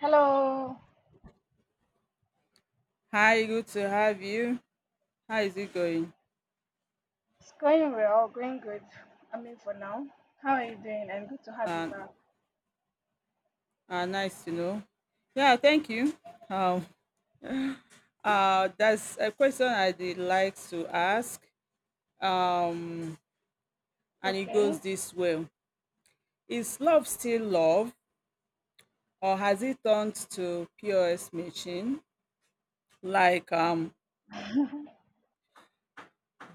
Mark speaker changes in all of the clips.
Speaker 1: Hello,
Speaker 2: Hi, good to have you. How is it going?
Speaker 1: it's going well, going good. I mean, for now, how are you doing? And good to have you
Speaker 2: Um,
Speaker 1: back.
Speaker 2: nice to know. Yeah, thank you. Um, that's a question I did like to ask. Um, and it goes
Speaker 1: Okay.
Speaker 2: this way: Is love still love, or has it turned to POS machine? Like um,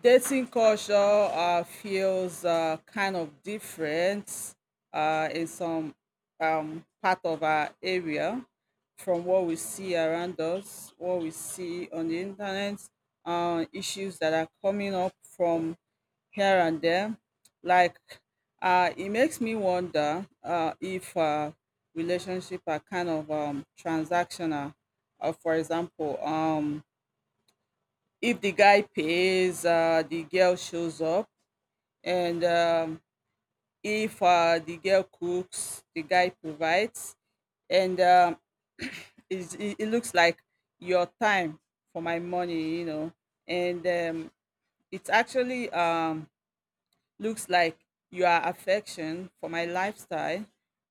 Speaker 2: Dating culture feels kind of different in some part of our area from what we see around us, what we see on the internet, issues that are coming up from here and there. Like, it makes me wonder if relationships are kind of transactional. For example, if the guy pays, the girl shows up, and if the girl cooks, the guy provides, and it looks like your time for my money. And it's actually, looks like your affection for my lifestyle,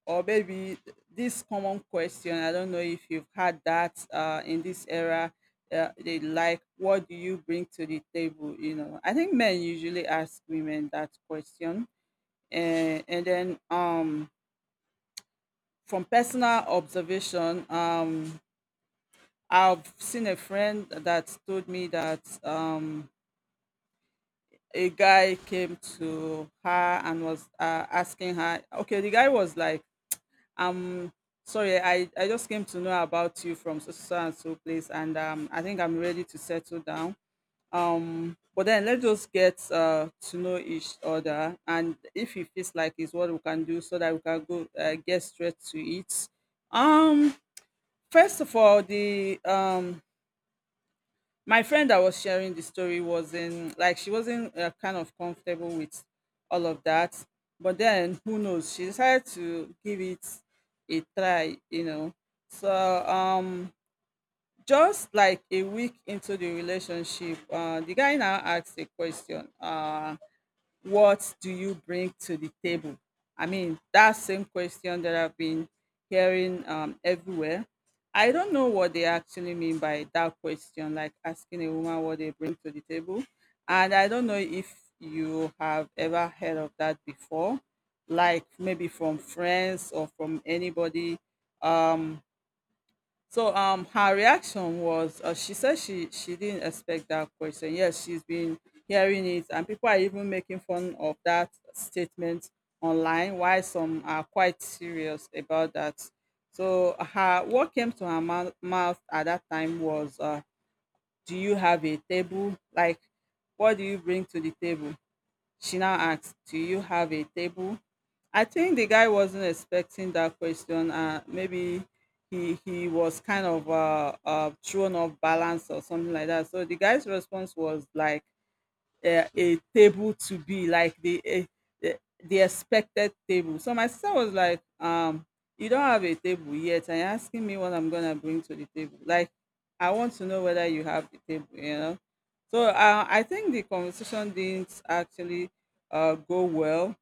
Speaker 2: or maybe this common question. I don't know if you've had that in this era. They like, what do you bring to the table? I think men usually ask women that question. And then, from personal observation, I've seen a friend that told me that, a guy came to her and was, asking her. Okay, the guy was like, Um, sorry, I just came to know about you from so so so and so place, and, I think I'm ready to settle down. But then let's just get to know each other, and if it feels like it's what we can do, so that we can go get straight to it. Um, first of all, the my friend that was sharing the story wasn't like, she wasn't kind of comfortable with all of that. But then, who knows, she decided to give it a try. So um just like a week into the relationship, the guy now asked a question, what do you bring to the table? I mean, that same question that I've been hearing everywhere. I don't know what they actually mean by that question, like asking a woman what they bring to the table. And I don't know if you have ever heard of that before, like maybe from friends or from anybody. Um, so her reaction was, she said she didn't expect that question. Yes, she's been hearing it and people are even making fun of that statement online, while some are quite serious about that. So her, what came to her mouth at that time was, do you have a table? Like, what do you bring to the table? She now asked, do you have a table? I think the guy wasn't expecting that question. Maybe he was kind of thrown off balance or something like that. So the guy's response was like, a table to be like the eh, the the expected table. So my sister was like, you don't have a table yet, and you're asking me what I'm gonna bring to the table. Like, I want to know whether you have the table. So I think the conversation didn't actually go well,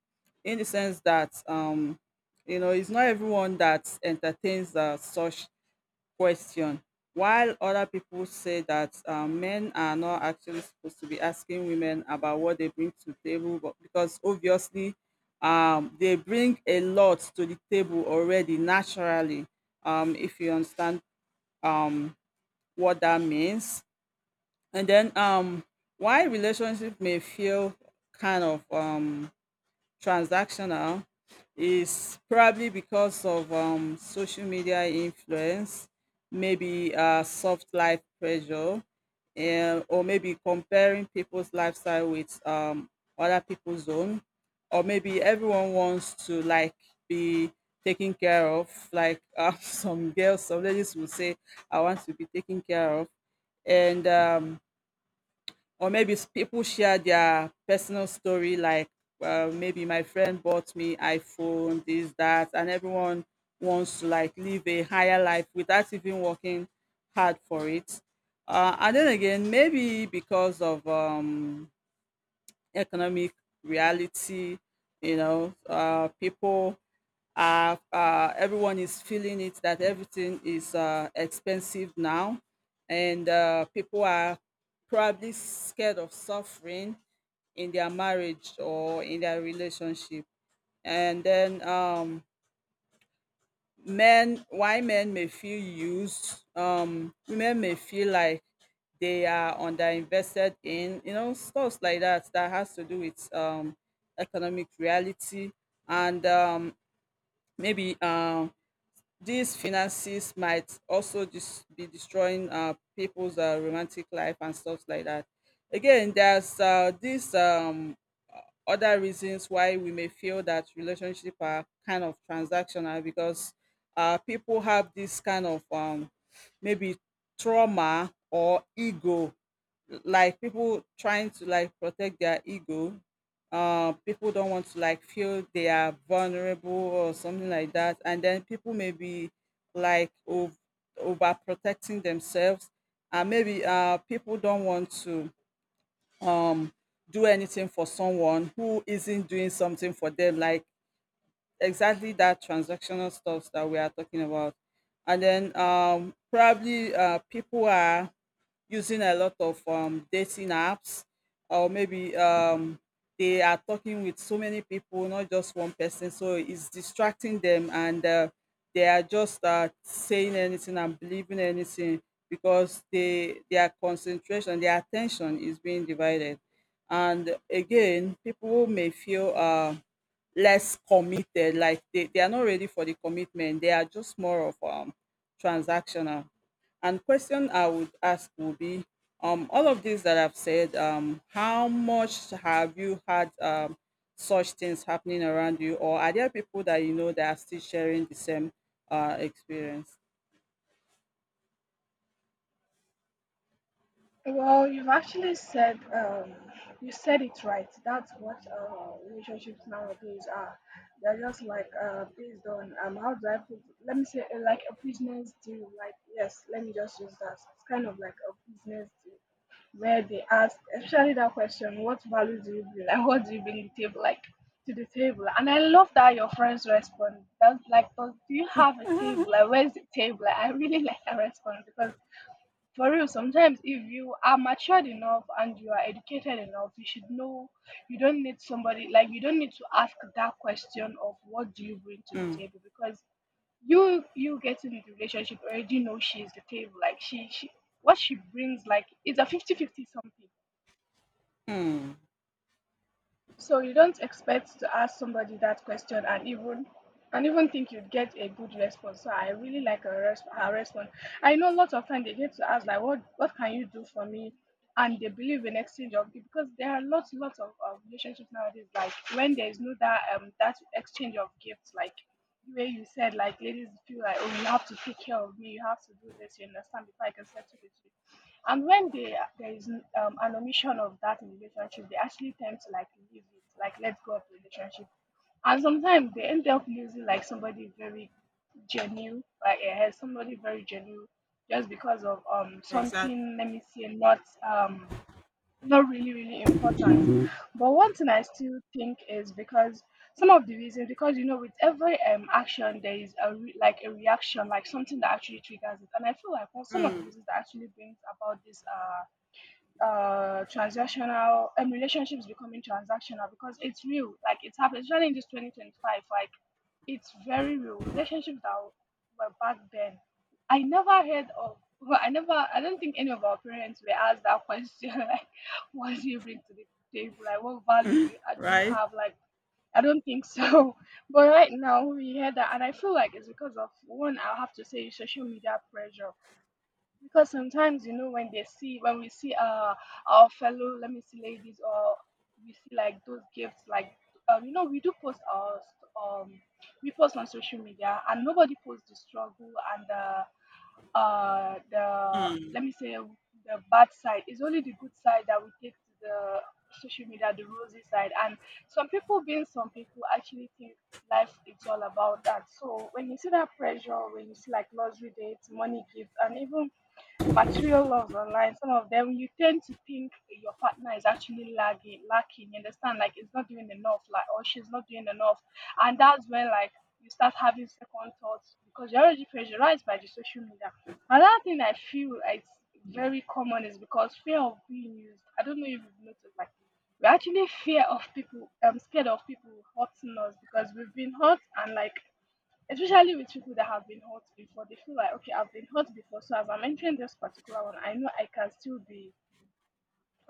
Speaker 2: in the sense that, um, it's not everyone that entertains such question, while other people say that men are not actually supposed to be asking women about what they bring to the table, but because obviously they bring a lot to the table already naturally, if you understand um, what that means. And then why relationship may feel kind of transactional is probably because of social media influence, maybe soft life pressure, or maybe comparing people's lifestyle with other people's own, or maybe everyone wants to like be taken care of. Like, some girls, some ladies will say, "I want to be taken care of," and or maybe people share their personal story, like, well, maybe my friend bought me iphone this that, and everyone wants to like live a higher life without even working hard for it. And then again, maybe because of economic reality. People, everyone is feeling it, that everything is expensive now, and people are probably scared of suffering in their marriage or in their relationship. And then men, why men may feel used, women may feel like they are underinvested in, stuff like that, that has to do with economic reality. And maybe These finances might also just be destroying people's romantic life and stuff like that. Again, there's this, other reasons why we may feel that relationship are kind of transactional, because people have this kind of, maybe trauma or ego, like people trying to like protect their ego. People don't want to like feel they are vulnerable or something like that, and then people may be like overprotecting themselves, and maybe people don't want to um do anything for someone who isn't doing something for them, like exactly that transactional stuff that we are talking about. And then probably people are using a lot of dating apps, or maybe they are talking with so many people, not just one person, so it's distracting them. And they are just saying anything and believing anything, because they, their concentration, their attention is being divided. And again, people may feel less committed, like they are not ready for the commitment, they are just more of transactional. And question I would ask would be, all of these that I've said, how much have you had such things happening around you, or are there people that you know that are still sharing the same experience?
Speaker 1: Well, you've actually said you said it right. That's what relationships nowadays are. They're just like based on how do I put? Let me say like a business deal. Like yes, let me just use that. It's kind of like a business deal, where they ask, especially that question, what value do you bring? Like, what do you bring to the table? Like, to the table. And I love that your friends respond. That's like, "Does- do you have a table? Like, where's the table?" Like, I really like that response because for real, sometimes if you are matured enough and you are educated enough, you should know you don't need somebody, like you don't need to ask that question of what do you bring to the
Speaker 2: Mm,
Speaker 1: table, because you getting the relationship already know she's the table, like she what she brings, like it's a fifty-fifty something.
Speaker 2: mm,
Speaker 1: So you don't expect to ask somebody that question and even think you'd get a good response. So I really like her, res- her response. I know lots of times they get to ask like, what can you do for me? And they believe in exchange of gift, because there are lots of relationships nowadays. Like when there is no that that exchange of gifts, like the way you said, like ladies feel like, oh, you have to take care of me, you have to do this, you understand, before I can settle with you. And when they, there is an omission of that in relationship, they actually tend to like leave it, like let go of the relationship. And sometimes they end up losing like somebody very genuine, like somebody very genuine, just because of
Speaker 2: exactly.
Speaker 1: something. Let me say not um not really really important. But one thing I still think is because some of the reasons, because you know, with every action there is a re- like a reaction, like something that actually triggers it. And I feel like, well, some of the reasons that actually brings about this transactional relationships becoming transactional, because it's real, like it's happening, especially in this 2025. Like it's very real relationships that were back then I never heard of. Well, I don't think any of our parents were asked that question like, what do you bring to the table? Like, what value do you
Speaker 2: Right.
Speaker 1: have? Like, I don't think so. But right now we hear that, and I feel like it's because of, one, I'll have to say social media pressure. Because sometimes, you know, when they see, when we see our fellow, let me see, ladies, or we see like those gifts, like you know, we do post our we post on social media, and nobody posts the struggle and the the, let me say, the bad side. It's only the good side that we take to the social media, the rosy side. And some people, being, some people actually think life is all about that. So when you see that pressure, when you see like luxury dates, money, gifts, and even material loves online, some of them, you tend to think your partner is actually lagging, lacking. You understand? Like it's not doing enough, like, or she's not doing enough, and that's when like you start having second thoughts because you're already pressurized by the social media. Another thing I feel it's very common is because fear of being used. I don't know if you've noticed, like we're actually fear of people, scared of people hurting us because we've been hurt. And like, especially with people that have been hurt before, they feel like, okay, I've been hurt before, so as I'm entering this particular one, I know I can still be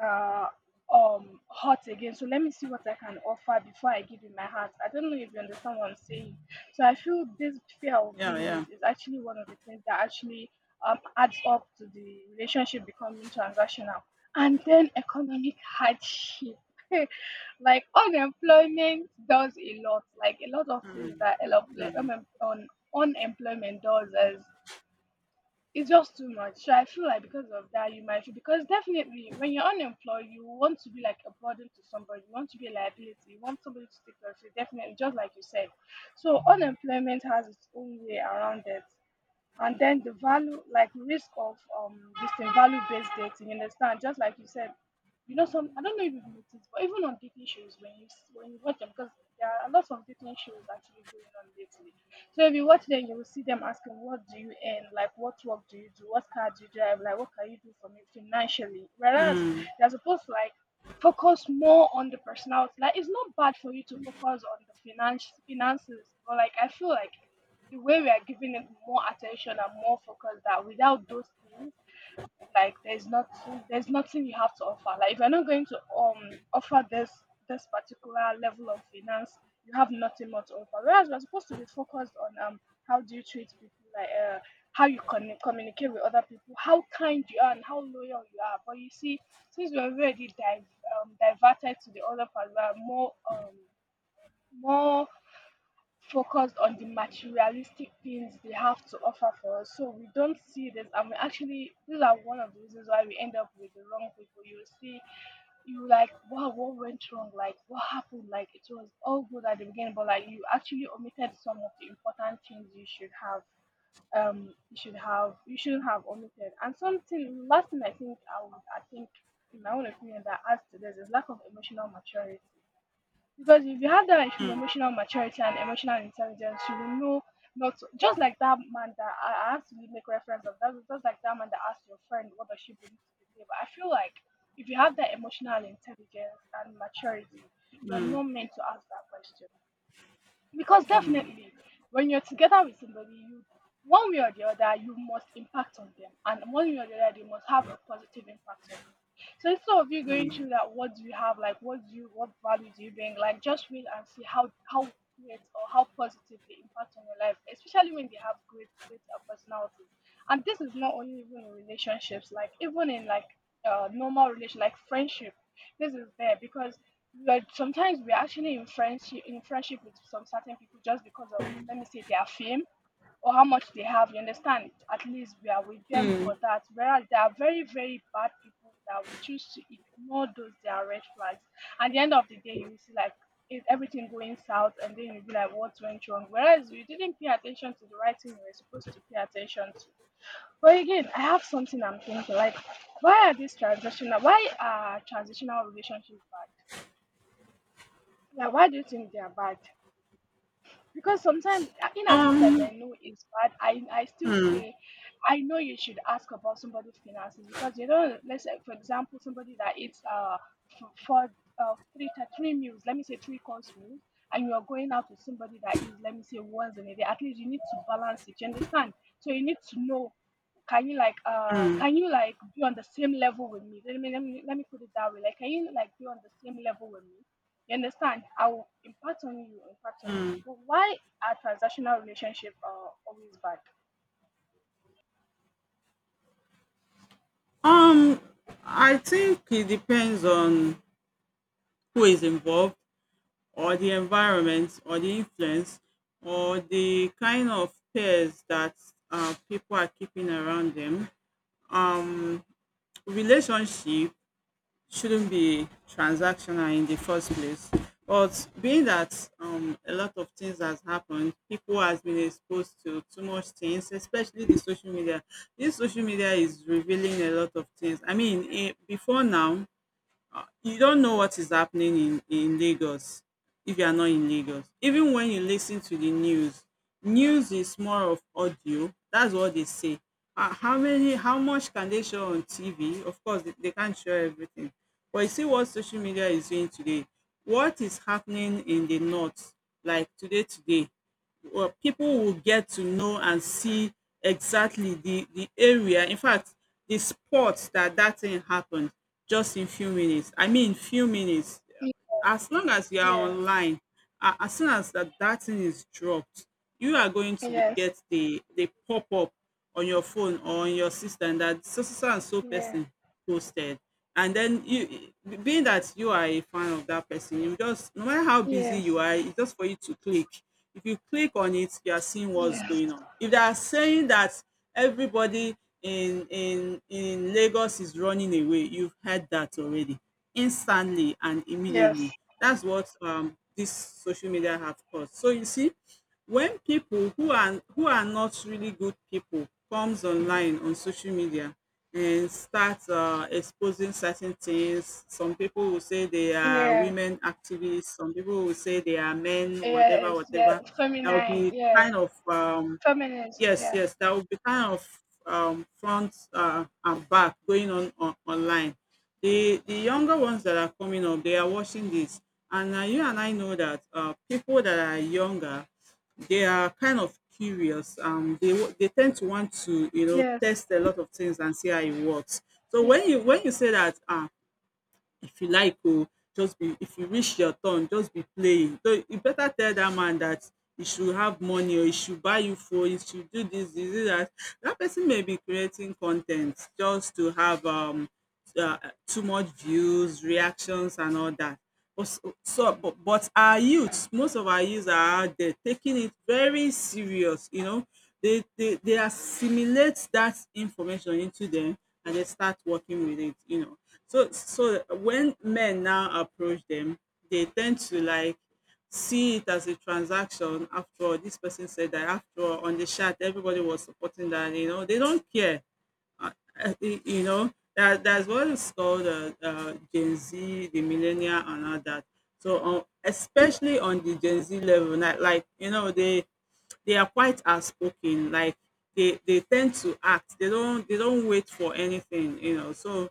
Speaker 1: uh, hot again. So let me see what I can offer before I give you my heart. I don't know if you understand what I'm saying. So I feel this fear of
Speaker 2: Yeah,
Speaker 1: being
Speaker 2: yeah.
Speaker 1: used is actually one of the things that actually adds up to the relationship becoming transactional. And then economic hardship. Like unemployment does a lot, like a lot of things that unemployment does is, it's just too much. So I feel like, because of that, you might feel, because definitely when you're unemployed, you want to be like a burden to somebody. You want to be a liability. You want somebody to take care of you. Definitely, just like you said. So unemployment has its own way around it. And then the value like risk of this thing, value based dating, you understand, just like you said, you know, some, I don't know if you've noticed, but even on dating shows, when you s- when you watch them, because there are a lot of dating shows actually going on lately, so if you watch them, you will see them asking, what do you earn? Like, what work do you do? What car do you drive? Like, what can you do for me financially? Whereas they're supposed to like focus more on the personality. Like, it's not bad for you to focus on the finances, but like I feel like the way we are giving it more attention and more focus, that without those things, like there's nothing, there's nothing you have to offer. Like if you're not going to offer this, this particular level of finance, you have nothing more to offer. Whereas we're supposed to be focused on how do you treat people, like how you con- communicate with other people, how kind you are and how loyal you are. But you see, since we're already diverted to the other part, we are more more focused on the materialistic things they have to offer for us. So we don't see this, and we actually, these are one of the reasons why we end up with the wrong people. You see, you like, wow, what went wrong? Like, what happened? Like, it was all good at the beginning, but like you actually omitted some of the important things you should have. You should have, you shouldn't have omitted. And something, last thing I think I would, I think in my own opinion that adds to this is lack of emotional maturity. Because if you have that issue,
Speaker 2: Mm.
Speaker 1: emotional maturity and emotional intelligence, you will know not to, just like that man that I have to make reference of, that, just like that man that asked your friend, what does she bring to the table. I feel like if you have that emotional intelligence and maturity, you're not meant to ask that question. Because definitely, when you're together with somebody, you, one way or the other, you must impact on them, and one way or the other, they must have a positive impact on you. So instead of you going through that, what do you have? Like, what do you, what value do you bring? Like, just wait and see how great or how positive they impact on your life, especially when they have great personalities. And this is not only even in relationships, like even in like normal relation, like friendship. This is there, because like sometimes we're actually in friendship, with some certain people just because of, let me say, their fame or how much they have, you understand, at least we are with them for that. Whereas there are very very bad people that we choose to ignore, those they are red flags. At the end of the day, you see like, is everything going south, and then you'll be like, what went wrong? Whereas you didn't pay attention to the right thing you were supposed to pay attention to. But again, I have something I'm thinking, like, why are these transitional, why are transitional relationships bad? Yeah, why do you think they are bad? Because sometimes, in as much as
Speaker 2: Um.
Speaker 1: I know it's bad, I still
Speaker 2: mm,
Speaker 1: say, I know you should ask about somebody's finances, because you know, let's say for example, somebody that eats f- for three three meals, let me say three course meals, and you are going out with somebody that is, let me say, once in a day. At least you need to balance it. You understand? So you need to know, can you like be on the same level with me? Let me put it that way. Like, can you like be on the same level with me? You understand? I will impact on you, impact on this. But why are transactional relationships always bad?
Speaker 2: Um. I think it depends on who is involved, or the environment, or the influence, or the kind of peers that people are keeping around them. Um, relationship shouldn't be transactional in the first place. But being that a lot of things has happened, people has been exposed to too much things, especially the social media. This social media is revealing a lot of things. I mean, before now, you don't know what is happening in Lagos if you are not in Lagos. Even when you listen to the news, news is more of audio. That's what they say. Ah, how many, how much can they show on TV? Of course, they can't show everything. But you see what social media is doing today. What is happening in the north, like today, today? Well, people will get to know and see exactly the area. In fact, the spot that that thing happened just in few minutes. I mean, few minutes. As long as you are
Speaker 1: Yeah.
Speaker 2: online, as soon as that thing is dropped, you are going to
Speaker 1: Yes.
Speaker 2: get the pop-up on your phone or on your system, that so so so and so
Speaker 1: Yeah.
Speaker 2: person posted, and then you, being that you are a fan of that person, you just, no matter how busy
Speaker 1: Yes.
Speaker 2: you are, it's just for you to click. If you click on it, you are seeing what's
Speaker 1: Yes.
Speaker 2: going on. If they are saying that everybody in lagos is running away, you've heard that already, instantly and
Speaker 1: Yes.
Speaker 2: immediately. That's what, this social media have caused. So you see, when people who are not really good people comes online on social media and start exposing certain things, some people will say they are
Speaker 1: Yeah.
Speaker 2: women activists, some people will say they are men, whatever,
Speaker 1: Yes. Yeah.
Speaker 2: whatever. There will
Speaker 1: Feminine.
Speaker 2: be
Speaker 1: Yeah.
Speaker 2: kind of
Speaker 1: Feminist.
Speaker 2: yes,
Speaker 1: Yeah.
Speaker 2: yes, there will be kind of front and back going on online. The younger ones that are coming up, they are watching this, and you and I know that people that are younger, they are kind of curious. They they tend to want to, you know,
Speaker 1: Yes.
Speaker 2: test a lot of things and see how it works. So when you, when you say that, if you like, oh, just be, if you reach your turn, just be playing, so you better tell dat man dat he should have money, or he should buy you phone, he should do dis, he should do dat. Dat person may be creating con ten t just to have uh, too much views, reactions, and all that. But so, but our youths, most of our youths are out there taking it very serious. You know, they assimilate that information into them, and they start working with it. You know, so when men now approach them, they tend to like see it as a transaction. After all, this person said that. After all, on the chat, everybody was supporting that. You know, they don't care uh, you know that that's what is called Gen Z, the millennial, and all that. Especially on the Gen Z level, not like you know they are quite outspoken. Like they tend to act. They don't wait for anything, you know. So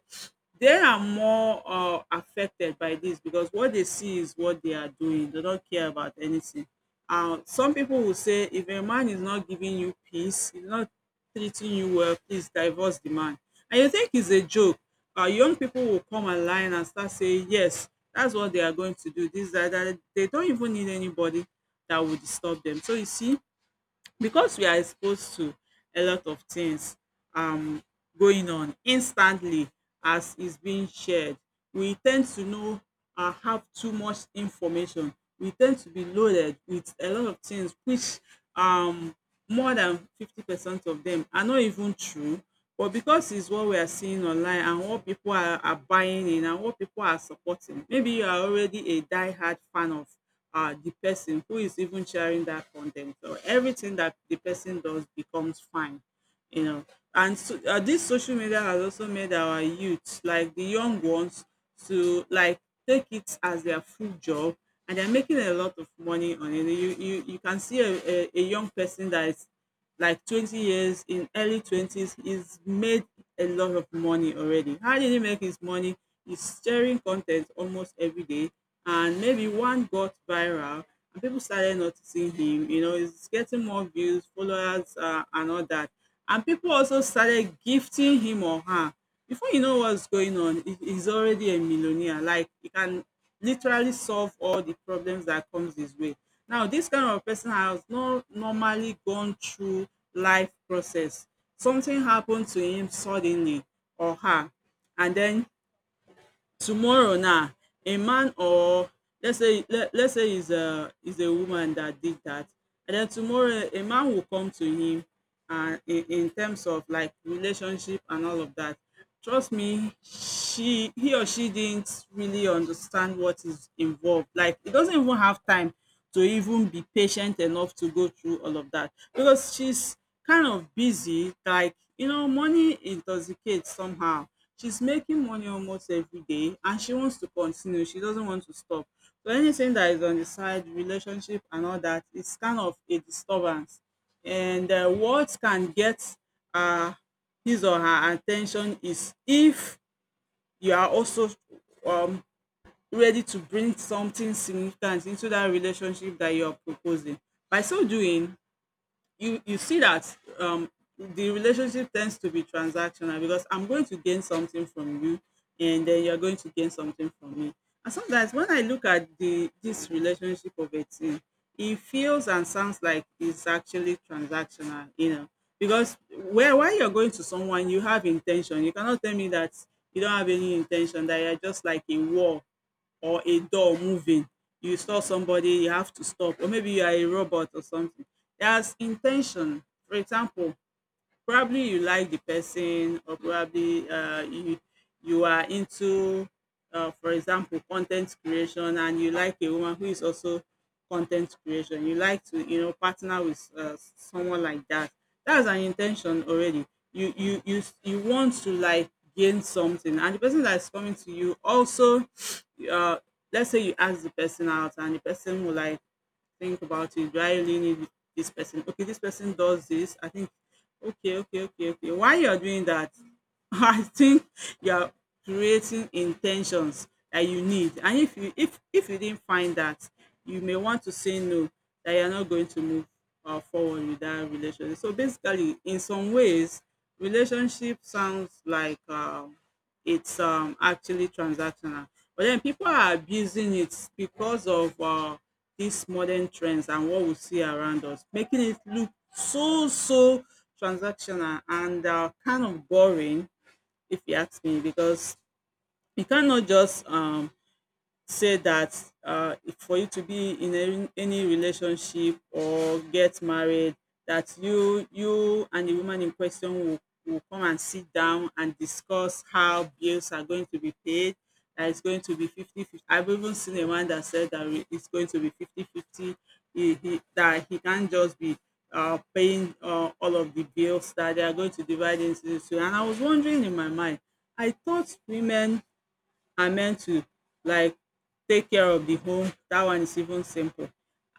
Speaker 2: they are more affected by this because what they see is what they are doing. They don't care about anything. Some people will say if a man is not giving you peace, he's not treating you well, please divorce the man. And you think it's a joke. Young people will come online and start saying, yes, that's what they are going to do. This, that, that. They don't even need anybody that will disturb them. So you see, because we are exposed to a lot of things, um going on instantly as is being shared, we ten d to know, have too much information. We ten d to be loaded with a lot of things which, um more than 50% of dem are not even true. But because it's what we are seeing online and what people are, buying in and what people are supporting, maybe you are already a diehard fan of the person who is even sharing that content. So everything that the person does becomes fine, you know. And so, this social media has also made our youth, like the young ones, to like take it as their full job, and they're making a lot of money on it. You can see a young person that is like 20 years, in early 20s, he's made a lot of money already. How did he make his money? He's sharing content almost every day, and maybe one got viral and people started noticing him. You know, he's getting more views, followers, and all that, and people also started gifting him or her. Before you know what's going on, he's already a millionaire. Like he can literally solve all the problems that comes his way. Now, this kind of person has not normally gone through life process. Something happened to him suddenly, or her, and then tomorrow now, a man or, let's say it's a woman that did that, and then tomorrow a man will come to him, and in terms of like relationship and all of that. Trust me, she he or she didn't really understand what is involved. Like he doesn't even have time to even be patient enough to go through all of that, because she's kind of busy. Like, you know, money intoxicates somehow. She's making money almost every day, and she wants to continue, she doesn't want to stop. So anything that is on the side, relationship and all that, it's kind of a disturbance. And what can get uh his or her attention is if you are also um ready to bring something significant into that relationship that you are proposing. By so doing, you see that, the relationship tends to be transactional, because I'm going to gain something from you, and then you're going to gain something from me. And sometimes when I look at the this relationship of a team, it feels and sounds like it's actually transactional, you know. Because where while you're going to someone, you have intention. You cannot tell me that you don't have any intention, that you're just like a war or a door moving, you saw somebody, you have to stop, or maybe you are a robot or something. There's intention. For example, probably you like the person, or probably you you are into, for example, content creation, and you like a woman who is also content creation. You like to, you know, partner with someone like that. That's an intention already. You you you you want to like gain something, and the person that is coming to you also, uh, let's say you ask the person out, and the person will like think about it. Do I really need this person? Okay, this person does this. I think, okay, okay, okay, okay. While you're doing that, I think you're creating intentions that you need. And if you, if you didn't find that, you may want to say no, that you're not going to move forward with that relationship. So basically, in some ways, relationship sounds like, it's, actually transactional. But then people are abusing it because of these modern trends and what we see around us, making it look so transactional and kind of boring, if you ask me, because you cannot just say that for you to be in any relationship or get married, that you and the woman in question will come and sit down and discuss how bills are going to be paid. That it's going to be fifty fifty. I've even seen a man that said that it's going to be 50 50. That he can't just be paying all of the bills, that they are going to divide into two. And I was wondering in my mind, I thought women are meant to like take care of the home. That one is even simple.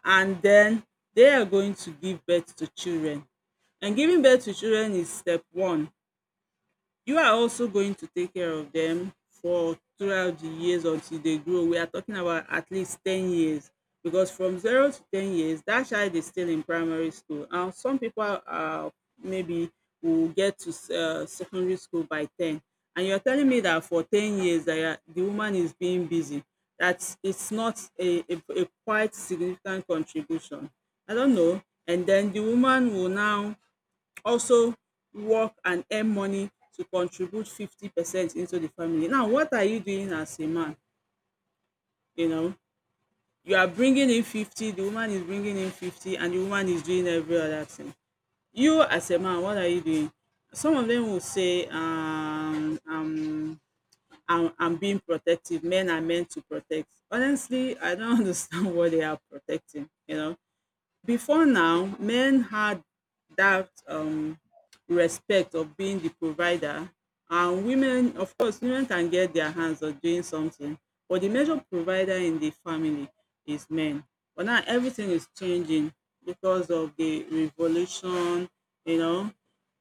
Speaker 2: And then they are going to give birth to children, and giving birth to children is step one. You are also going to take care of them for throughout the years until they grow. We are talking about at least 10 years, because from 0 to 10 years, that child is still in primary school. And some people are maybe will get to secondary school by 10. And you're telling me that for 10 years that the woman is being busy, that's it's not a quite significant contribution. I don't know. And then the woman will now also work and earn money to contribute 50% into the family. Now, what are you doing as a man? You know, you are bringing in 50, the woman is bringing in 50, and the woman is doing every other thing. You as a man, what are you doing? Some of them will say, I'm being protective. Men are meant to protect. Honestly, I don't understand what they are protecting, you know. Before now, men had that, respect of being the provider, and women, of course, women can get their hands on doing something, but the major provider in the family is men. But now everything is changing because of the revolution, you know,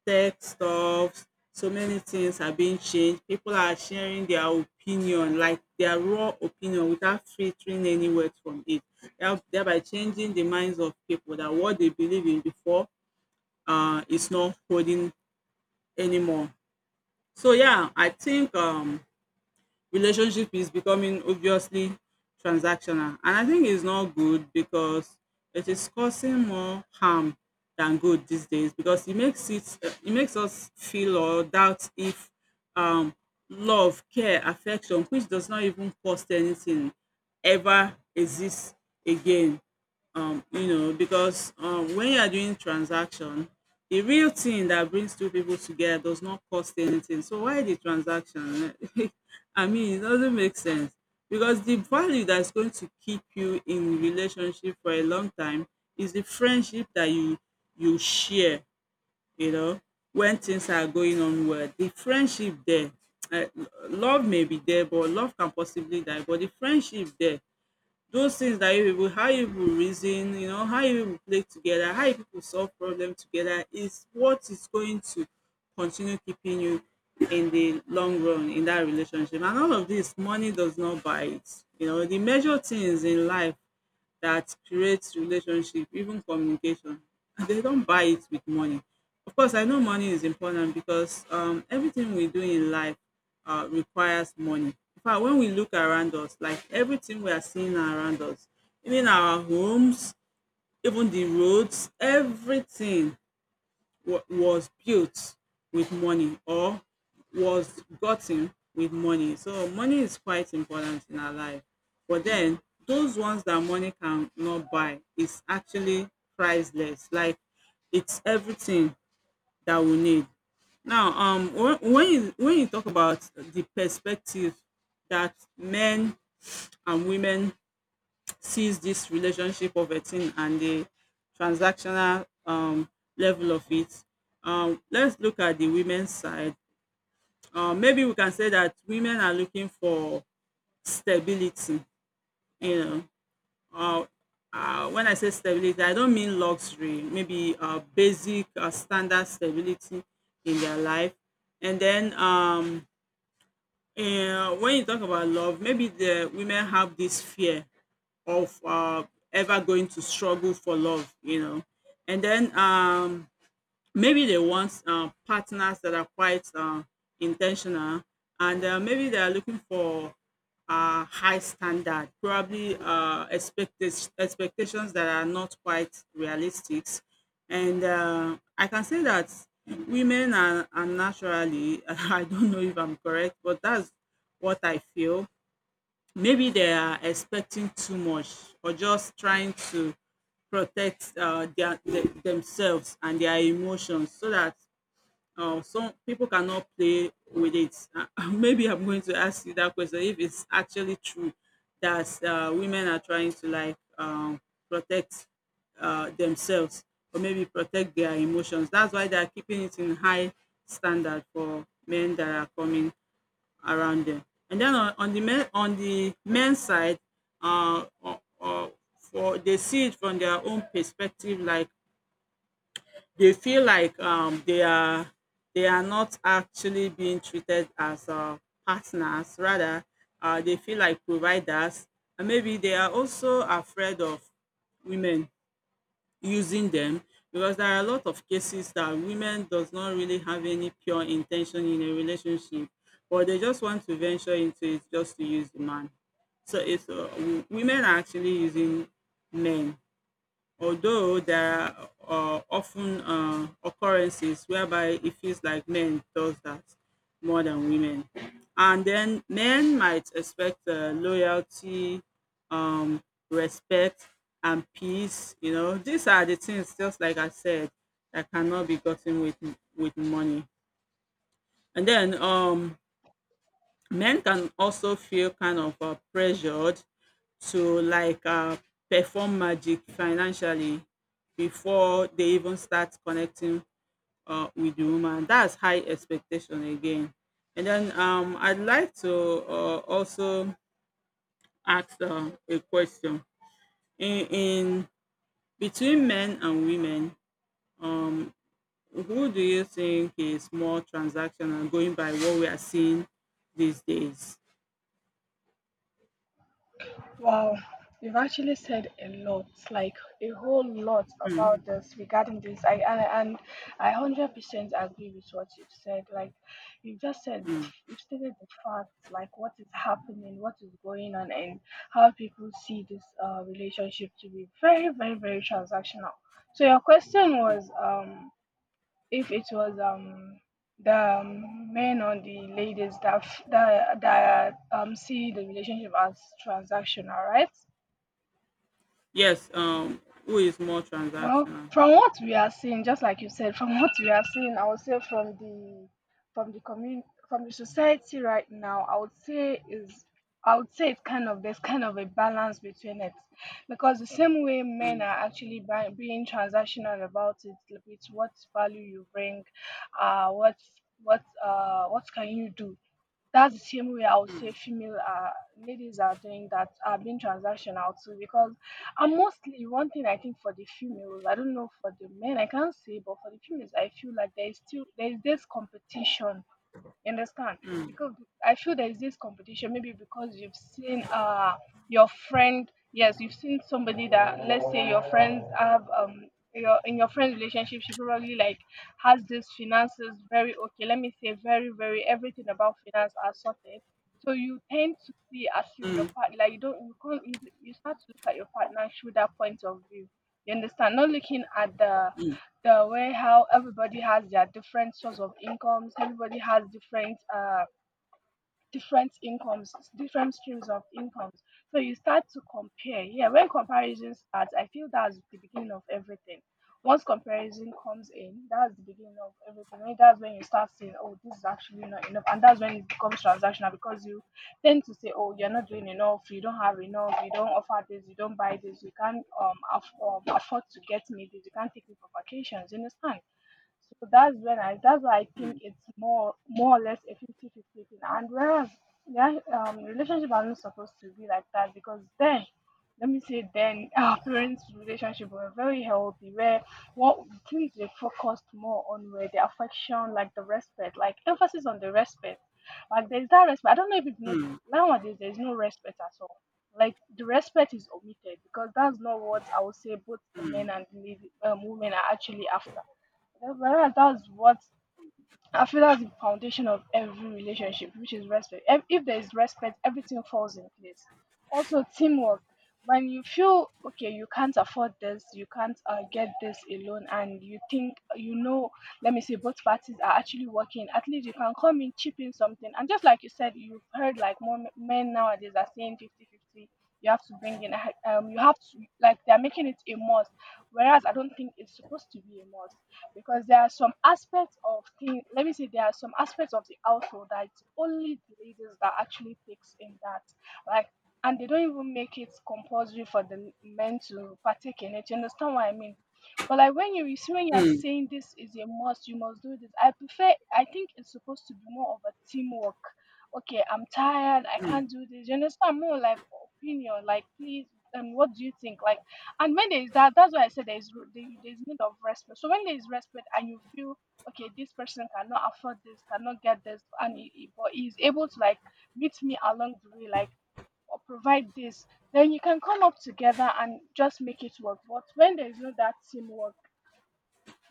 Speaker 2: tech stuffs. So many things are being changed. People are sharing their opinion, like their raw opinion, without filtering any words from it, thereby changing the minds of people, that what they believe in before is not holding anymore. So yeah, I think, relationship is becoming obviously transactional, and I think it's not good because it is causing more harm than good these days, because it makes it it makes us feel or doubt if um love, care, affection, which does not even cost anything, ever exists again. You know, because when you are doing transaction, the real thing that brings two people together does not cost anything. So why the transaction? I mean, it doesn't make sense, because the value that's going to keep you in relationship for a long time is the friendship that you share, you know. When things are going on well, the friendship there, uh, love may be there, but love can possibly die, but the friendship there, those things that you people, how you people reason, you know, how you people play together, how you people solve problem together, is what is going to continue keeping you in the long run in that relationship. And all of this, money does not buy it. You know, the major things in life that creates relationship, even communication, and they don't buy it with money. Of course, I know money is important, because everything we do in life requires money. In fact, when we look around us, like everything we are seeing around us, even our homes, even the roads, everything was built with money, or was gotten with money. So money is quite important in our life. But then those ones that money cannot buy is actually priceless. Like, it's everything that we need. Now, when when you talk about the perspective that men and women sees this relationship of a thing, and the transactional, level of it. Let's look at the women's side. Maybe we can say that women are looking for stability. You know, uh, when I say stability, I don't mean luxury. Maybe basic standard stability in their life, and then um, and when you talk about love, maybe the women have this fear of ever going to struggle for love. And then maybe they want partners that are quite intentional and maybe they are looking for high standard, probably expectations that are not quite realistic, and I can say that women are naturally I don't know if I'm correct, but that's what I feel. Maybe they are expecting too much or just trying to protect their, the themselves and their emotions so that some people cannot play with it. Maybe I'm going to ask you that question if it's actually true that women are trying to like protect themselves, or maybe protect their emotions. That's why they are keeping it in high standard for men that are coming around them. And then on the men's side, or for they see it from their own perspective, like they feel like they are not actually being treated as partners. Rather, they feel like providers, and maybe they are also afraid of women using them, because there are a lot of cases that women does not really have any pure intention in a relationship, or they just want to venture into it just to use the man. So women are actually using men, although there are often occurrences whereby it feels like men does that more than women. And then men might expect loyalty, um, respect, and peace, these are the things, just like I said, that cannot be gotten with money. And then um men can also feel kind of pressured to like perform magic financially before they even start connecting with the woman. That's high expectation again. And then I'd like to also ask a question. In between men and women, um, who do you think is more transactional, going by what we are seeing these days?
Speaker 1: Wow, you've actually said a lot, like a whole lot about
Speaker 2: Hmm.
Speaker 1: this regarding this. I 100% agree with what you've said. Like you just said, you've stated the facts, like what is happening, what is going on, and how people see this relationship to be very, very, very transactional. So your question was, if it was the men or the ladies that see the relationship as transactional, right?
Speaker 2: Yes, who is more
Speaker 1: Well,
Speaker 2: transactional?
Speaker 1: from what we are seeing, just like you said, from what we are seeing, I would say from the community, from the society right now, I would say it's kind of there's kind of a balance between it, because the same way men are actually being transactional about it, like, with what value you bring, uh, what what can you do, that's the same way I would say female ladies are doing, that are being transactional too. Because, and mostly one thing, I think for the females, I don't know for the men, I can't say, but for the females, I feel like there is this competition. You understand? Because I feel there is this competition, maybe because you've seen your friend. Yes, you've seen somebody that, let's say your friends have your in your friend's relationship, she probably like has this finances very okay. Let me say very, very everything about finance are sorted. So you tend to see as if your partner, like you don't you can't you, you start to look at your partner through that point of view. You understand? Not looking at the way how everybody has their different source of incomes, everybody has different streams of incomes, so you start to compare. Yeah, when comparison starts, I feel that's the beginning of everything. Once comparison comes in, that's the beginning of everything. I That's when you start saying, oh, this is actually not enough, and that's when it becomes transactional, because you tend to say, oh, you're not doing enough, you don't have enough, you don't offer this, you don't buy this, you can't afford to get me this, you can't take me for vacations. You understand? So that's when I that's why I think it's more or less a 50-50 thing. And whereas, yeah, relationship are not supposed to be like that, because then, let me say then, our parents' relationship were very healthy, where what things they focused more on were the affection, like the respect, like emphasis on the respect. Like, there's that respect. I don't know if you've noticed,
Speaker 2: Hmm.
Speaker 1: nowadays there's no respect at all. Like, the respect is omitted, because that's not what I would say both the men and the lady, women are actually after. Well, that's what I feel, that's the foundation of every relationship, which is respect. If there is respect, everything falls in place. Also, teamwork. When you feel okay, you can't afford this, you can't get this alone, and you think, you know, let me say both parties are actually working. At least you can come in, chip in something, and just like you said, you've heard like more men nowadays are saying 50-50. You have to bring in, you have to like they're making it a must, whereas I don't think it's supposed to be a must, because there are some aspects of thing let me say there are some aspects of the household that it's only the ladies that actually takes in that. Like, and they don't even make it compulsory for the men to partake in it. You understand what I mean? But like, when you see, when you are
Speaker 2: Hmm.
Speaker 1: saying this is a must, you must do this, I think it's supposed to be more of a teamwork. Okay, I'm tired, I can't do this. You understand? More like opinion, like, please, what do you think? Like, and when there is that, that's why I said there is need of respect. So when there is respect, and you feel okay, this person cannot afford this, cannot get this, and but he is able to like meet me along the way, like, or provide this, then you can come up together and just make it work. But when there is no that teamwork,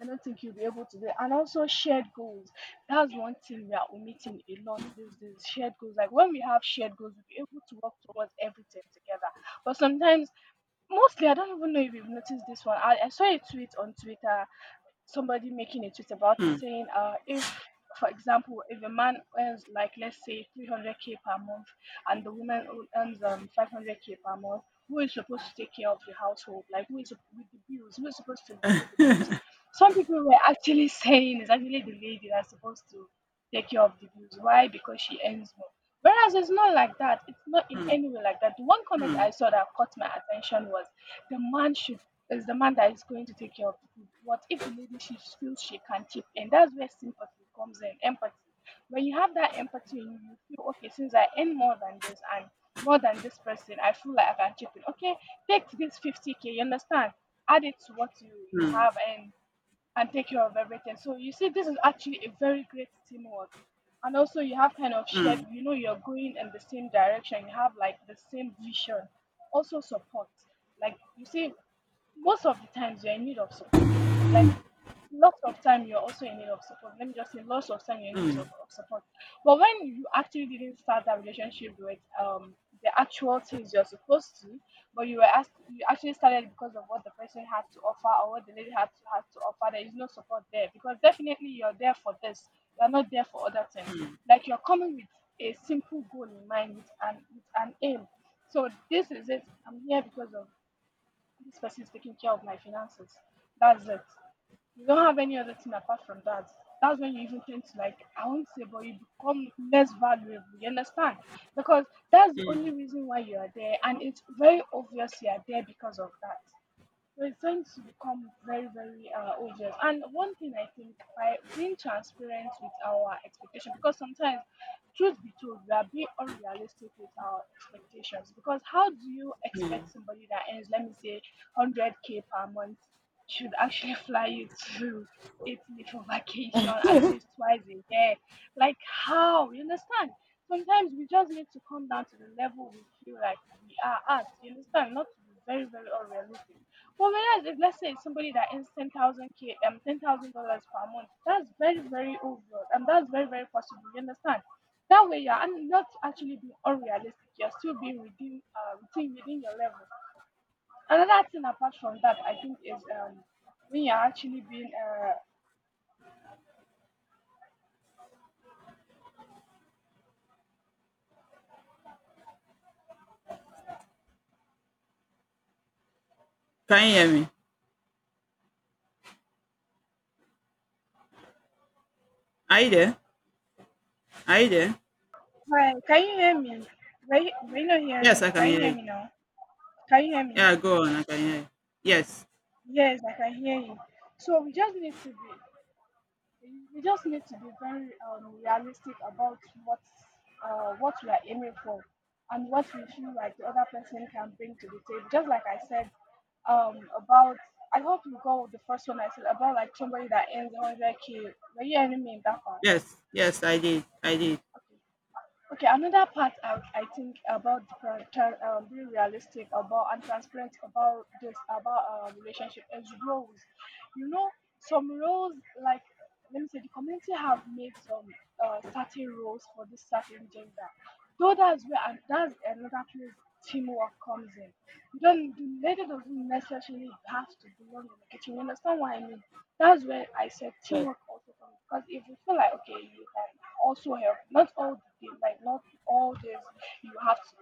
Speaker 1: I don't think you'll be able to do it. And also shared goals. That's one thing we are omitting a lot these days. Shared goals. Like when we have shared goals, we'll be able to work towards everything together. But sometimes, mostly, I don't even know if you've noticed this one. I saw a tweet on Twitter, somebody making a tweet about it, saying, if, for example, if a man earns like, let's say, 300k per month, and the woman earns 500k per month, who is supposed to take care of the household? Like, who is with the bills? Who is supposed to pay the bills? Some people were actually saying it's actually the lady that's supposed to take care of the bills. Why? Because she earns more. Whereas it's not like that. It's not in any way like that. The one comment I saw that caught my attention was the man should is the man that is going to take care of the food. What if the lady, she feels she can chip in? That's where sympathy comes in, empathy. When you have that empathy in you, you feel okay, since I earn more than this, and more than this person, I feel like I can chip in. Okay, take this 50k, you understand? Add it to what you have, and take care of everything. So you see, this is actually a very great teamwork. And also you have kind of shared, you know, you're going in the same direction. You have like the same vision. Also support. Like, you see, most of the times, you're in need of support. Like, lots of time you're also in need of support. Let me just say, lots of time you're in need of support. But when you actually didn't start that relationship with the actual things you're supposed to, but you were asked, you actually started because of what the person had to offer, or what the lady had to offer, there is no support there, because definitely you're there for this. You're not there for other things. Like, you're coming with a simple goal in mind, with an aim. So this is it. I'm here because of, this person is taking care of my finances. That's it, you don't have any other thing apart from that. That's when you even tend to like, I won't say, but you become less valuable. You understand? Because that's the only reason why you are there, and it's very obvious you are there because of that. We're going to become very, very obvious. And one thing, I think, by being transparent with our expectation, because sometimes, truth be told, we are being unrealistic with our expectations. Because how do you expect somebody that earns, let me say, 100k per month, should actually fly you to Italy for vacation at least twice a year? Like, how? You understand? Sometimes we just need to come down to the level we feel like we are at. You understand? Not to be very, very unrealistic, for whereas, if, let's say, it's somebody that earns 10,000 k, um, $10,000 per month, that's very, very overall, and that's very, very possible. You understand? That way you're not actually being unrealistic. You're still being within within your level. Another thing apart from that, I think, is when you're actually being.
Speaker 2: Can you hear me? Are you there? Are you there?
Speaker 1: Hi, can you hear me? Were you not
Speaker 2: Yes,
Speaker 1: hearing me?
Speaker 2: I can
Speaker 1: Can you
Speaker 2: hear
Speaker 1: hear
Speaker 2: it.
Speaker 1: me now? Can you hear me?
Speaker 2: Yeah, go on. I can hear you. Yes,
Speaker 1: Yes, I can hear you. So we just need to be we just need to be very realistic about what what we are aiming for, and what we feel like the other person can bring to the table. Just like I said, about, I hope you go with the first one I said about, like, somebody that earns 100k. Were you hearing me in that part?
Speaker 2: yes. I did. I did.
Speaker 1: Okay. Okay, another part I think about the being realistic about and transparent about this, about relationship, is roles. You know, some roles, like, let me say the community have made some certain roles for this certain gender. Though that's where and that's another place teamwork comes in. You don't the lady doesn't necessarily have to belong in the kitchen. You understand what I mean? That's where I said
Speaker 2: Yes.
Speaker 1: teamwork also comes because if you feel like okay, you can also help, not all the day, like not all days you have to.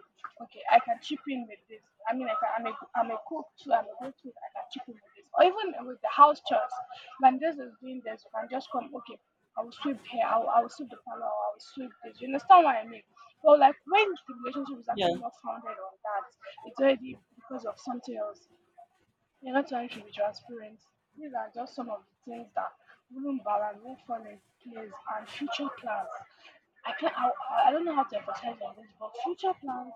Speaker 1: Okay, I can chip in with this. I mean, I can, I'm a cook too. I'm a great cook. I can chip in with this, or even with the house chores. When this is doing this, you can just come. Okay, I will sweep here. I will sweep the parlor. I will sweep this. You understand what I mean? But like when the relationship is actually
Speaker 2: Yeah.
Speaker 1: not founded on that, it's already because of something else. You're not trying to be transparent. These are just some of the things that wouldn't balance, won't fall in place, and future plans. I can't. I don't know how to emphasize on this, but future plans.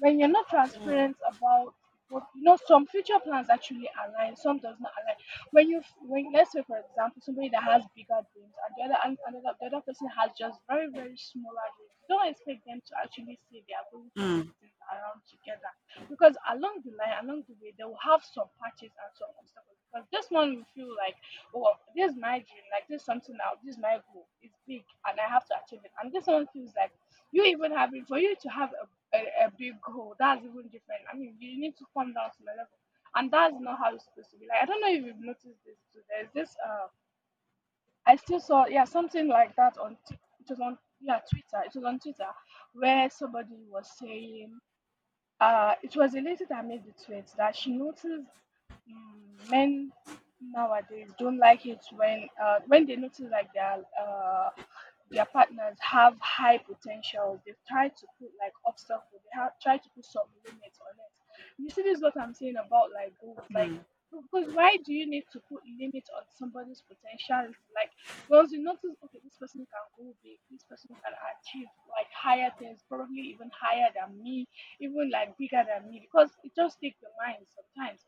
Speaker 1: When you're not transparent about, some future plans actually align, some does not align. When you, when let's say for example, somebody that has bigger dreams, and the other, and another, the other person has just very, very smaller dreams. Don't expect them to actually see they are going to work
Speaker 2: Mm.
Speaker 1: things around together because along the line, along the way, they will have some patches and some obstacles. Because this one will feel like, oh, this is my dream, like this is something now, this is my goal, it's big, and I have to achieve it. And this one feels like you even having for you to have a big goal, that's even different. I mean, you need to come down to my level, and that's not how it's supposed to be. Like I don't know if you've noticed this too. There's this I still saw yeah something like that on it was on yeah Twitter. It was on Twitter where somebody was saying it was a later that made the tweet that she noticed Mm, men nowadays don't like it when they notice like their partners have high potentials. They try to put like obstacles. They have try to put some limits on it. You see, this is what I'm saying about like goals. Like because why do you need to put limits on somebody's potential? Like once you notice, okay, this person can go big. This person can achieve like higher things, probably even higher than me, even like bigger than me. Because it just takes the mind sometimes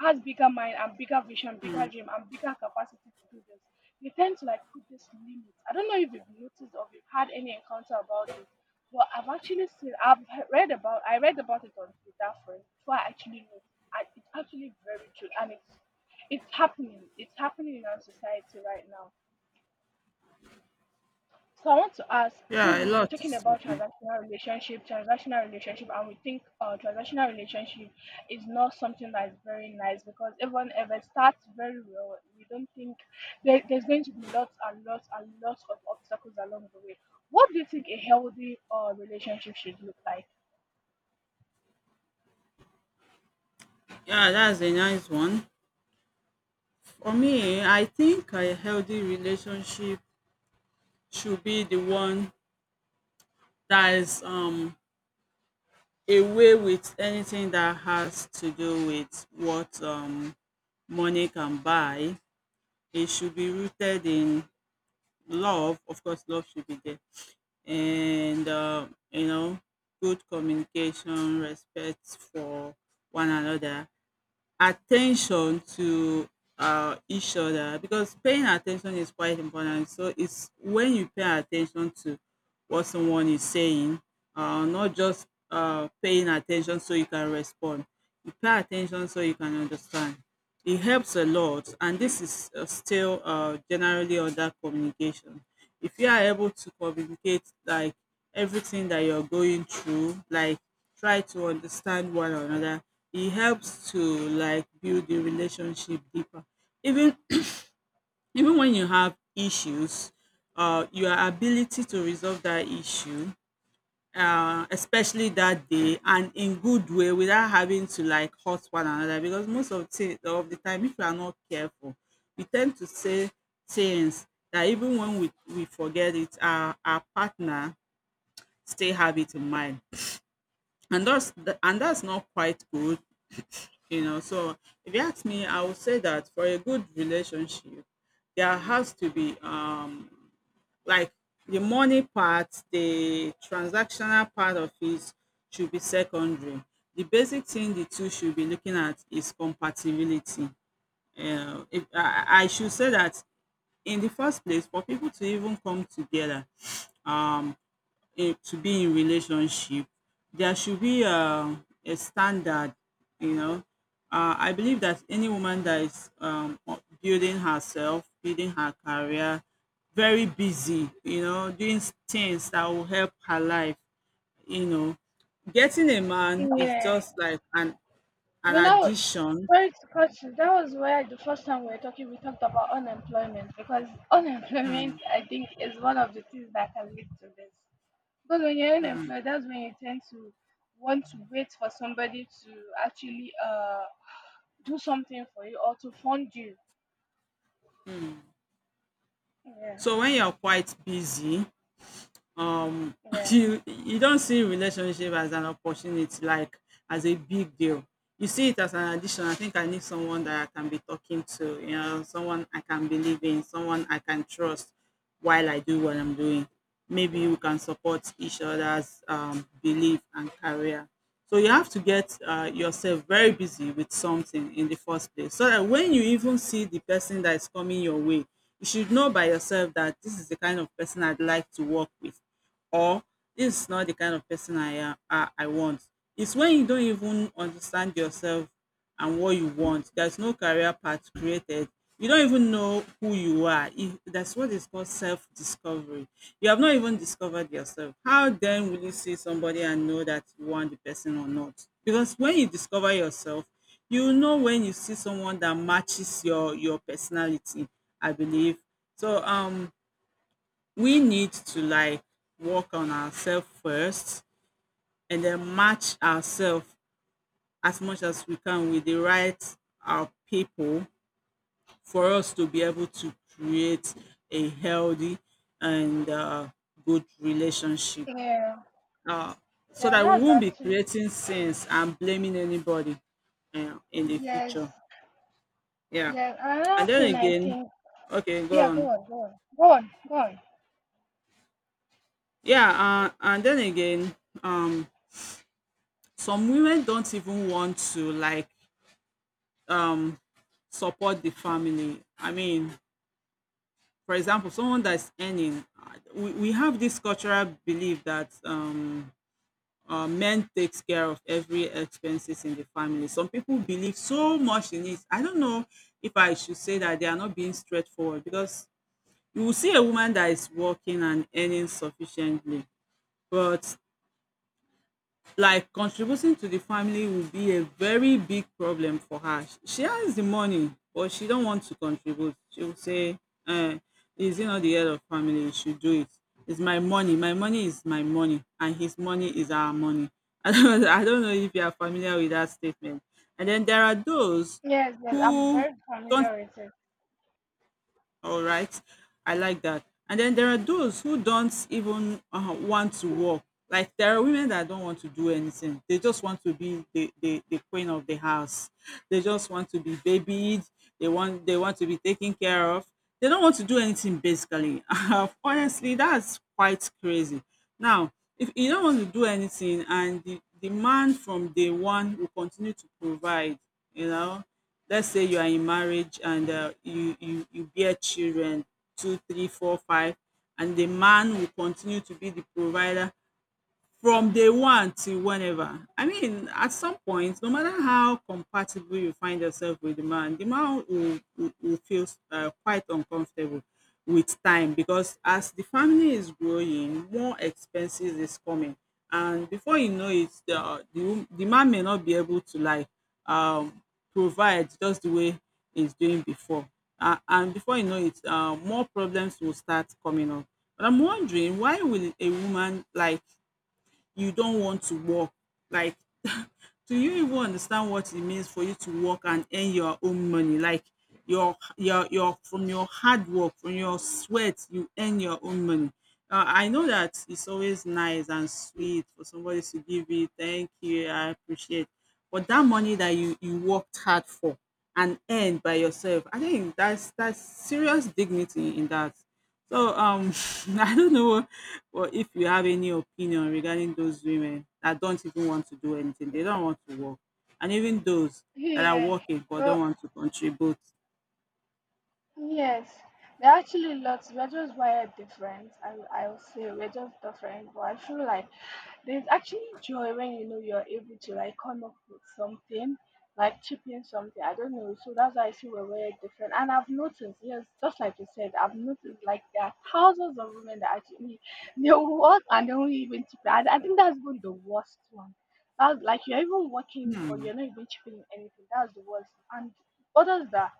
Speaker 1: has bigger mind and bigger vision, bigger dream, and bigger capacity to do this. They tend to like put this limit. I don't know if you've noticed or if you've had any encounter about this, but I've actually seen, read about, I read about it on Twitter first before I actually noticed. And it's actually very true, and it's happening. It's happening in our society right now. So I want to ask, since
Speaker 2: Yeah. A
Speaker 1: we've been
Speaker 2: lot.
Speaker 1: talking
Speaker 2: Is
Speaker 1: about
Speaker 2: happening.
Speaker 1: transactional relationship, and we think transactional relationship is not something that is very nice because even if it starts very well, we don't think there's going to be lots and lots and lots of obstacles along the way. What do you think a healthy relationship should look like?
Speaker 2: Yeah, that's a nice one. For me, I think a healthy relationship should be the one that is away with anything that has to do with what money can buy. It should be rooted in love. Of course, love should be there. And good communication, respect for one another, attention to each other, because paying attention is quite important. So it's when you pay attention to what someone is saying, not just paying attention so you can respond, you pay attention so you can understand. It helps a lot, and this is still generally under communication. If you are able to communicate like everything that you're going through, like try to understand one another, it helps to like build the relationship deeper. Even even when you have issues, your ability to resolve that issue, especially that day and in good way, without having to like hurt one another. Because most of the time, if you are not careful, we tend to say things that even when we forget it, our partner still have it in mind, and and that's not quite good, you know. So if you ask me, I would say that for a good relationship, there has to be like the money part, the transactional part of it should be secondary. The basic thing the two should be looking at is compatibility. If I should say that, in the first place, for people to even come together, um, in to be in relationship, there should be a standard, you know. I believe that any woman that is building herself, building her career, very busy, you know, doing things that will help her life, you know, getting a man is
Speaker 1: Yeah.
Speaker 2: just like an
Speaker 1: You know,
Speaker 2: addition.
Speaker 1: sorry to cut you. That was where the first time we were talking, we talked about unemployment because unemployment, I think, is one of the things that can lead to this. Because when you're unemployed, that's when you tend to want to wait for somebody to actually do something for you or to fund you. Yeah,
Speaker 2: So when you're quite busy, um
Speaker 1: yeah,
Speaker 2: you don't see relationship as an opportunity, like as a big deal. You see it as an addition. I think I need someone that I can be talking to, you know, someone I can believe in, someone I can trust while I do what I'm doing. Maybe we can support each other's belief and career. So you have to get yourself very busy with something in the first place, so that when you even see the person that is coming your way, you should know by yourself that this is the kind of person I'd like to work with, or this is not the kind of person i want. It's when you don't even understand yourself and what you want. There's no career path created. You don't even know who you are. If, that's what is called self-discovery. You have not even discovered yourself. How then will you see somebody and know that you want the person or not? Because when you discover yourself, you know when you see someone that matches your personality. I believe so. We need to like work on ourselves first, and then match ourselves as much as we can with the right our people, for us to be able to create a healthy and good relationship,
Speaker 1: yeah,
Speaker 2: uh, so
Speaker 1: yeah.
Speaker 2: that we
Speaker 1: That's
Speaker 2: won't be
Speaker 1: actually
Speaker 2: creating
Speaker 1: true.
Speaker 2: sins and blaming anybody in the
Speaker 1: Yes,
Speaker 2: future. Yeah.
Speaker 1: yeah.
Speaker 2: and
Speaker 1: Another
Speaker 2: then
Speaker 1: thing I
Speaker 2: again
Speaker 1: think.
Speaker 2: okay go
Speaker 1: Yeah, go
Speaker 2: on
Speaker 1: on, go on, go on, go on.
Speaker 2: yeah and then again um some women don't even want to like um support the family. I mean, for example, someone that's earning we have this cultural belief that men takes care of every expenses in the family. Some people believe so much in it. I don't know if I should say that they are not being straightforward, because you will see a woman that is working and earning sufficiently, but like contributing to the family will be a very big problem for her. She has the money, but she don't want to contribute. She will say, uh, "Is he not the head of family? You should do it. It's my money. My money is my money, and his money is our money." I don't know if you are familiar with that statement. And then there are those
Speaker 1: Yes, yes. I'm
Speaker 2: who
Speaker 1: very
Speaker 2: don't
Speaker 1: familiar with it.
Speaker 2: all right. I like that. And then there are those who don't even want to work. Like there are women that don't want to do anything. They just want to be the queen of the house. They just want to be babied. They want to be taken care of. They don't want to do anything basically. Honestly, that's quite crazy. Now, if you don't want to do anything and the man from day one will continue to provide, you know, let's say you are in marriage and you bear children, two three four five, and the man will continue to be the provider from day one till whenever. I mean, at some point, no matter how compatible you find yourself with the man will feel quite uncomfortable with time, because as the family is growing, more expenses is coming. And before you know it, the man may not be able to like um, provide just the way he's doing before. And before you know it, more problems will start coming up. But I'm wondering, why will a woman like you don't want to work? Like, do you even understand what it means for you to work and earn your own money? Like your from your hard work, from your sweat, you earn your own money. I know that it's always nice and sweet for somebody to give you thank you, I appreciate. But that money that you worked hard for and earned by yourself, I think that's serious dignity in that. So I don't know what, if you have any opinion regarding those women that don't even want to do anything. They don't want to work, and even those that are
Speaker 1: Yeah.
Speaker 2: working but
Speaker 1: Well.
Speaker 2: don't want to contribute.
Speaker 1: Yes, there are actually lots. We're just wired different. I will say we're just different, but I feel like there's actually joy when you know you're able to like come up with something, like chipping something. I don't know. So that's why I see we're wired different. And I've noticed, yes, just like you said, I've noticed like there are thousands of women that actually they will work and they won't even chip. I think that's even the worst one. That's like you're even working, but
Speaker 2: Hmm,
Speaker 1: you're not even chipping in anything. That's the worst. And others that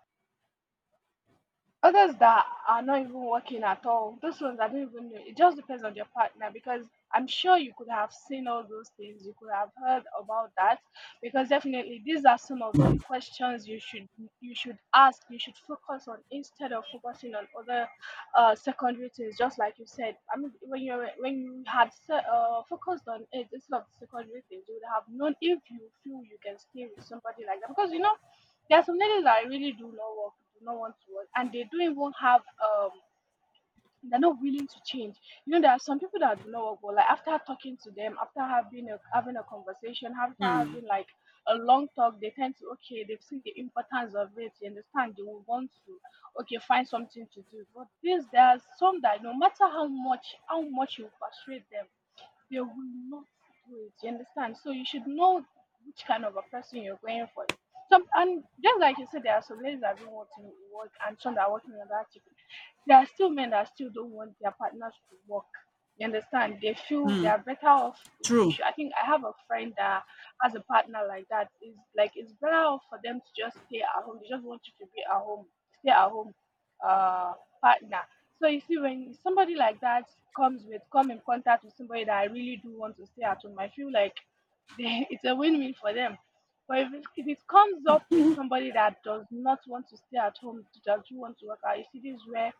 Speaker 1: others that are not even working at all, those ones I don't even know. It just depends on your partner because I'm sure you could have seen all those things, you could have heard about that because definitely these are some of the questions you should ask, you should focus on instead of focusing on other secondary things. Just like you said, I mean, when you had se- focused on it instead of secondary things, you would have known if you feel you can stay with somebody like that because you know there are some ladies that really do not work, do not want to work, and they don't even have. They're not willing to change. You know, there are some people that do not work, but like after talking to them, after having a having a conversation, after
Speaker 2: hmm,
Speaker 1: having like a long talk, they tend to okay, they've seen the importance of it. You understand? They will want to okay find something to do. But this, there are some that no matter how much you persuade them they will not do it. You understand? So you should know which kind of a person you're going for. Some and just like you said, there are some ladies that don't want to work and some that are working on that chicken. There are still men that still don't want their partners to work. You understand? They feel they
Speaker 2: hmm.
Speaker 1: are better off. You
Speaker 2: True.
Speaker 1: should, I think I have a friend that has a partner like that. Is like it's better off for them to just stay at home. They just want you to be at home. Stay at home uh, partner. So you see, when somebody like that come in contact with somebody that I really do want to stay at home, I feel like they, it's a win-win for them. But if it comes up with somebody that does not want to stay at home, that you want to work out, you see, this is where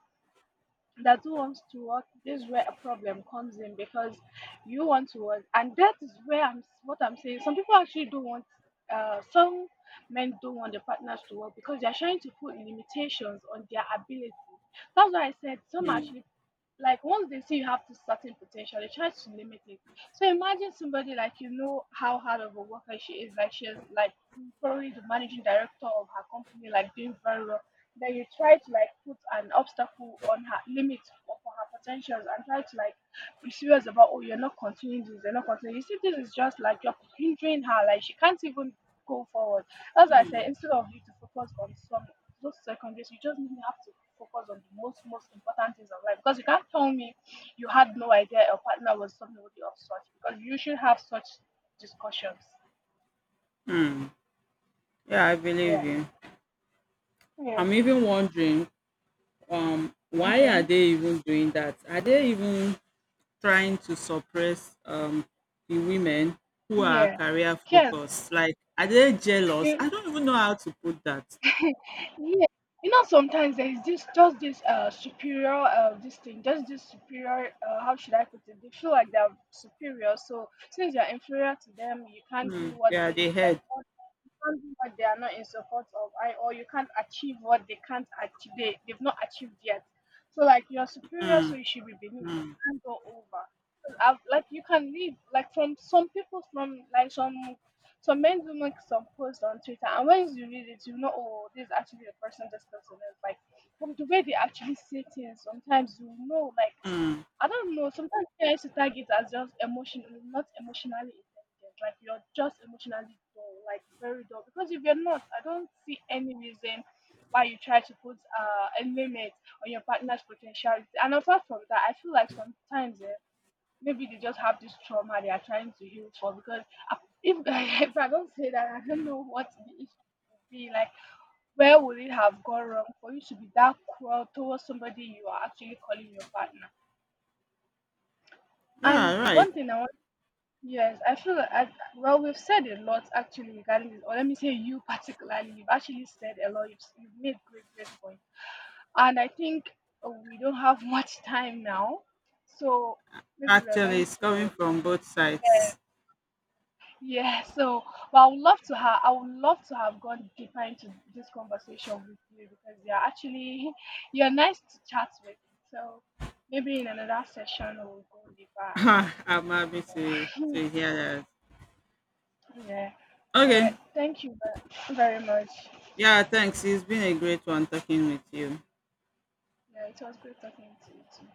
Speaker 1: that who wants to work this is where a problem comes in because you want to work and that is where I'm what I'm saying some people actually don't want some men don't want their partners to work because they're trying to put limitations on their ability. That's why I said some
Speaker 2: Hmm,
Speaker 1: actually like once they see you have this certain potential they try to limit it so imagine somebody like you know how hard of a worker she is. Like she is like probably the managing director of her company, like doing very well. Then you try to like put an obstacle on her limit for her potentials and try to like be serious about oh you're not continuing this, you're not continuing. You see, this is just like you're hindering her. Like she can't even go forward. As I said, instead of you to focus on some those secondaries, you just need to have to focus on the most important things of life because you can't tell me you had no idea your partner was somebody of such because you should have such discussions.
Speaker 2: hmm. Yeah, I believe
Speaker 1: Yeah.
Speaker 2: you.
Speaker 1: Yeah.
Speaker 2: I'm even wondering, why are
Speaker 1: Okay.
Speaker 2: they even doing that? Are they even trying to suppress the women who are
Speaker 1: Yeah.
Speaker 2: career
Speaker 1: Yes.
Speaker 2: focused? Like, are they jealous?
Speaker 1: You,
Speaker 2: I don't even know how to put that.
Speaker 1: yeah. You know, sometimes there is this superior this thing, just this superior how should I put it? They feel like they're superior, so since you're inferior to them, you can't do what
Speaker 2: Yeah,
Speaker 1: they
Speaker 2: they
Speaker 1: like.
Speaker 2: head.
Speaker 1: Can't do what they are not in support of or you can't achieve what they can't achieve they've not achieved yet so like you're superior so you should be beneath. You can't go over. 'Cause I've, like you can leave like from some people from like some men do make some posts on Twitter and when you read it you know oh this is actually the person this person is like from the way they actually say things sometimes you know like I don't know. Sometimes parents will tag it as just not emotionally intelligent. Like you're just emotionally dull, like very dull. Because if you're not, I don't see any reason why you try to put a limit on your partner's potentiality. And apart from that, I feel like sometimes maybe they just have this trauma they are trying to heal for. Because I- if, if I don't say that, I don't know what the issue would be. Like, where would it have gone wrong for you to be that cruel towards somebody you are actually calling your partner? And
Speaker 2: Yeah, right.
Speaker 1: one thing I want, yes, I feel like, I, well, we've said a lot actually regarding this, or let me say you particularly, you've actually said a lot, you've made great, great points. And I think we don't have much time now, so maybe we're
Speaker 2: Actually,
Speaker 1: going
Speaker 2: it's coming
Speaker 1: to,
Speaker 2: from both sides.
Speaker 1: yeah, so, but I would love to have, I would love to have gone deeper into this conversation with you because you're actually, you're nice to chat with. So maybe in another session we'll go deeper.
Speaker 2: I'm happy to hear that.
Speaker 1: Yeah. All
Speaker 2: Okay.
Speaker 1: right. Thank you very much.
Speaker 2: Yeah, thanks. It's been a great one talking with you.
Speaker 1: Yeah, it was great talking to you too.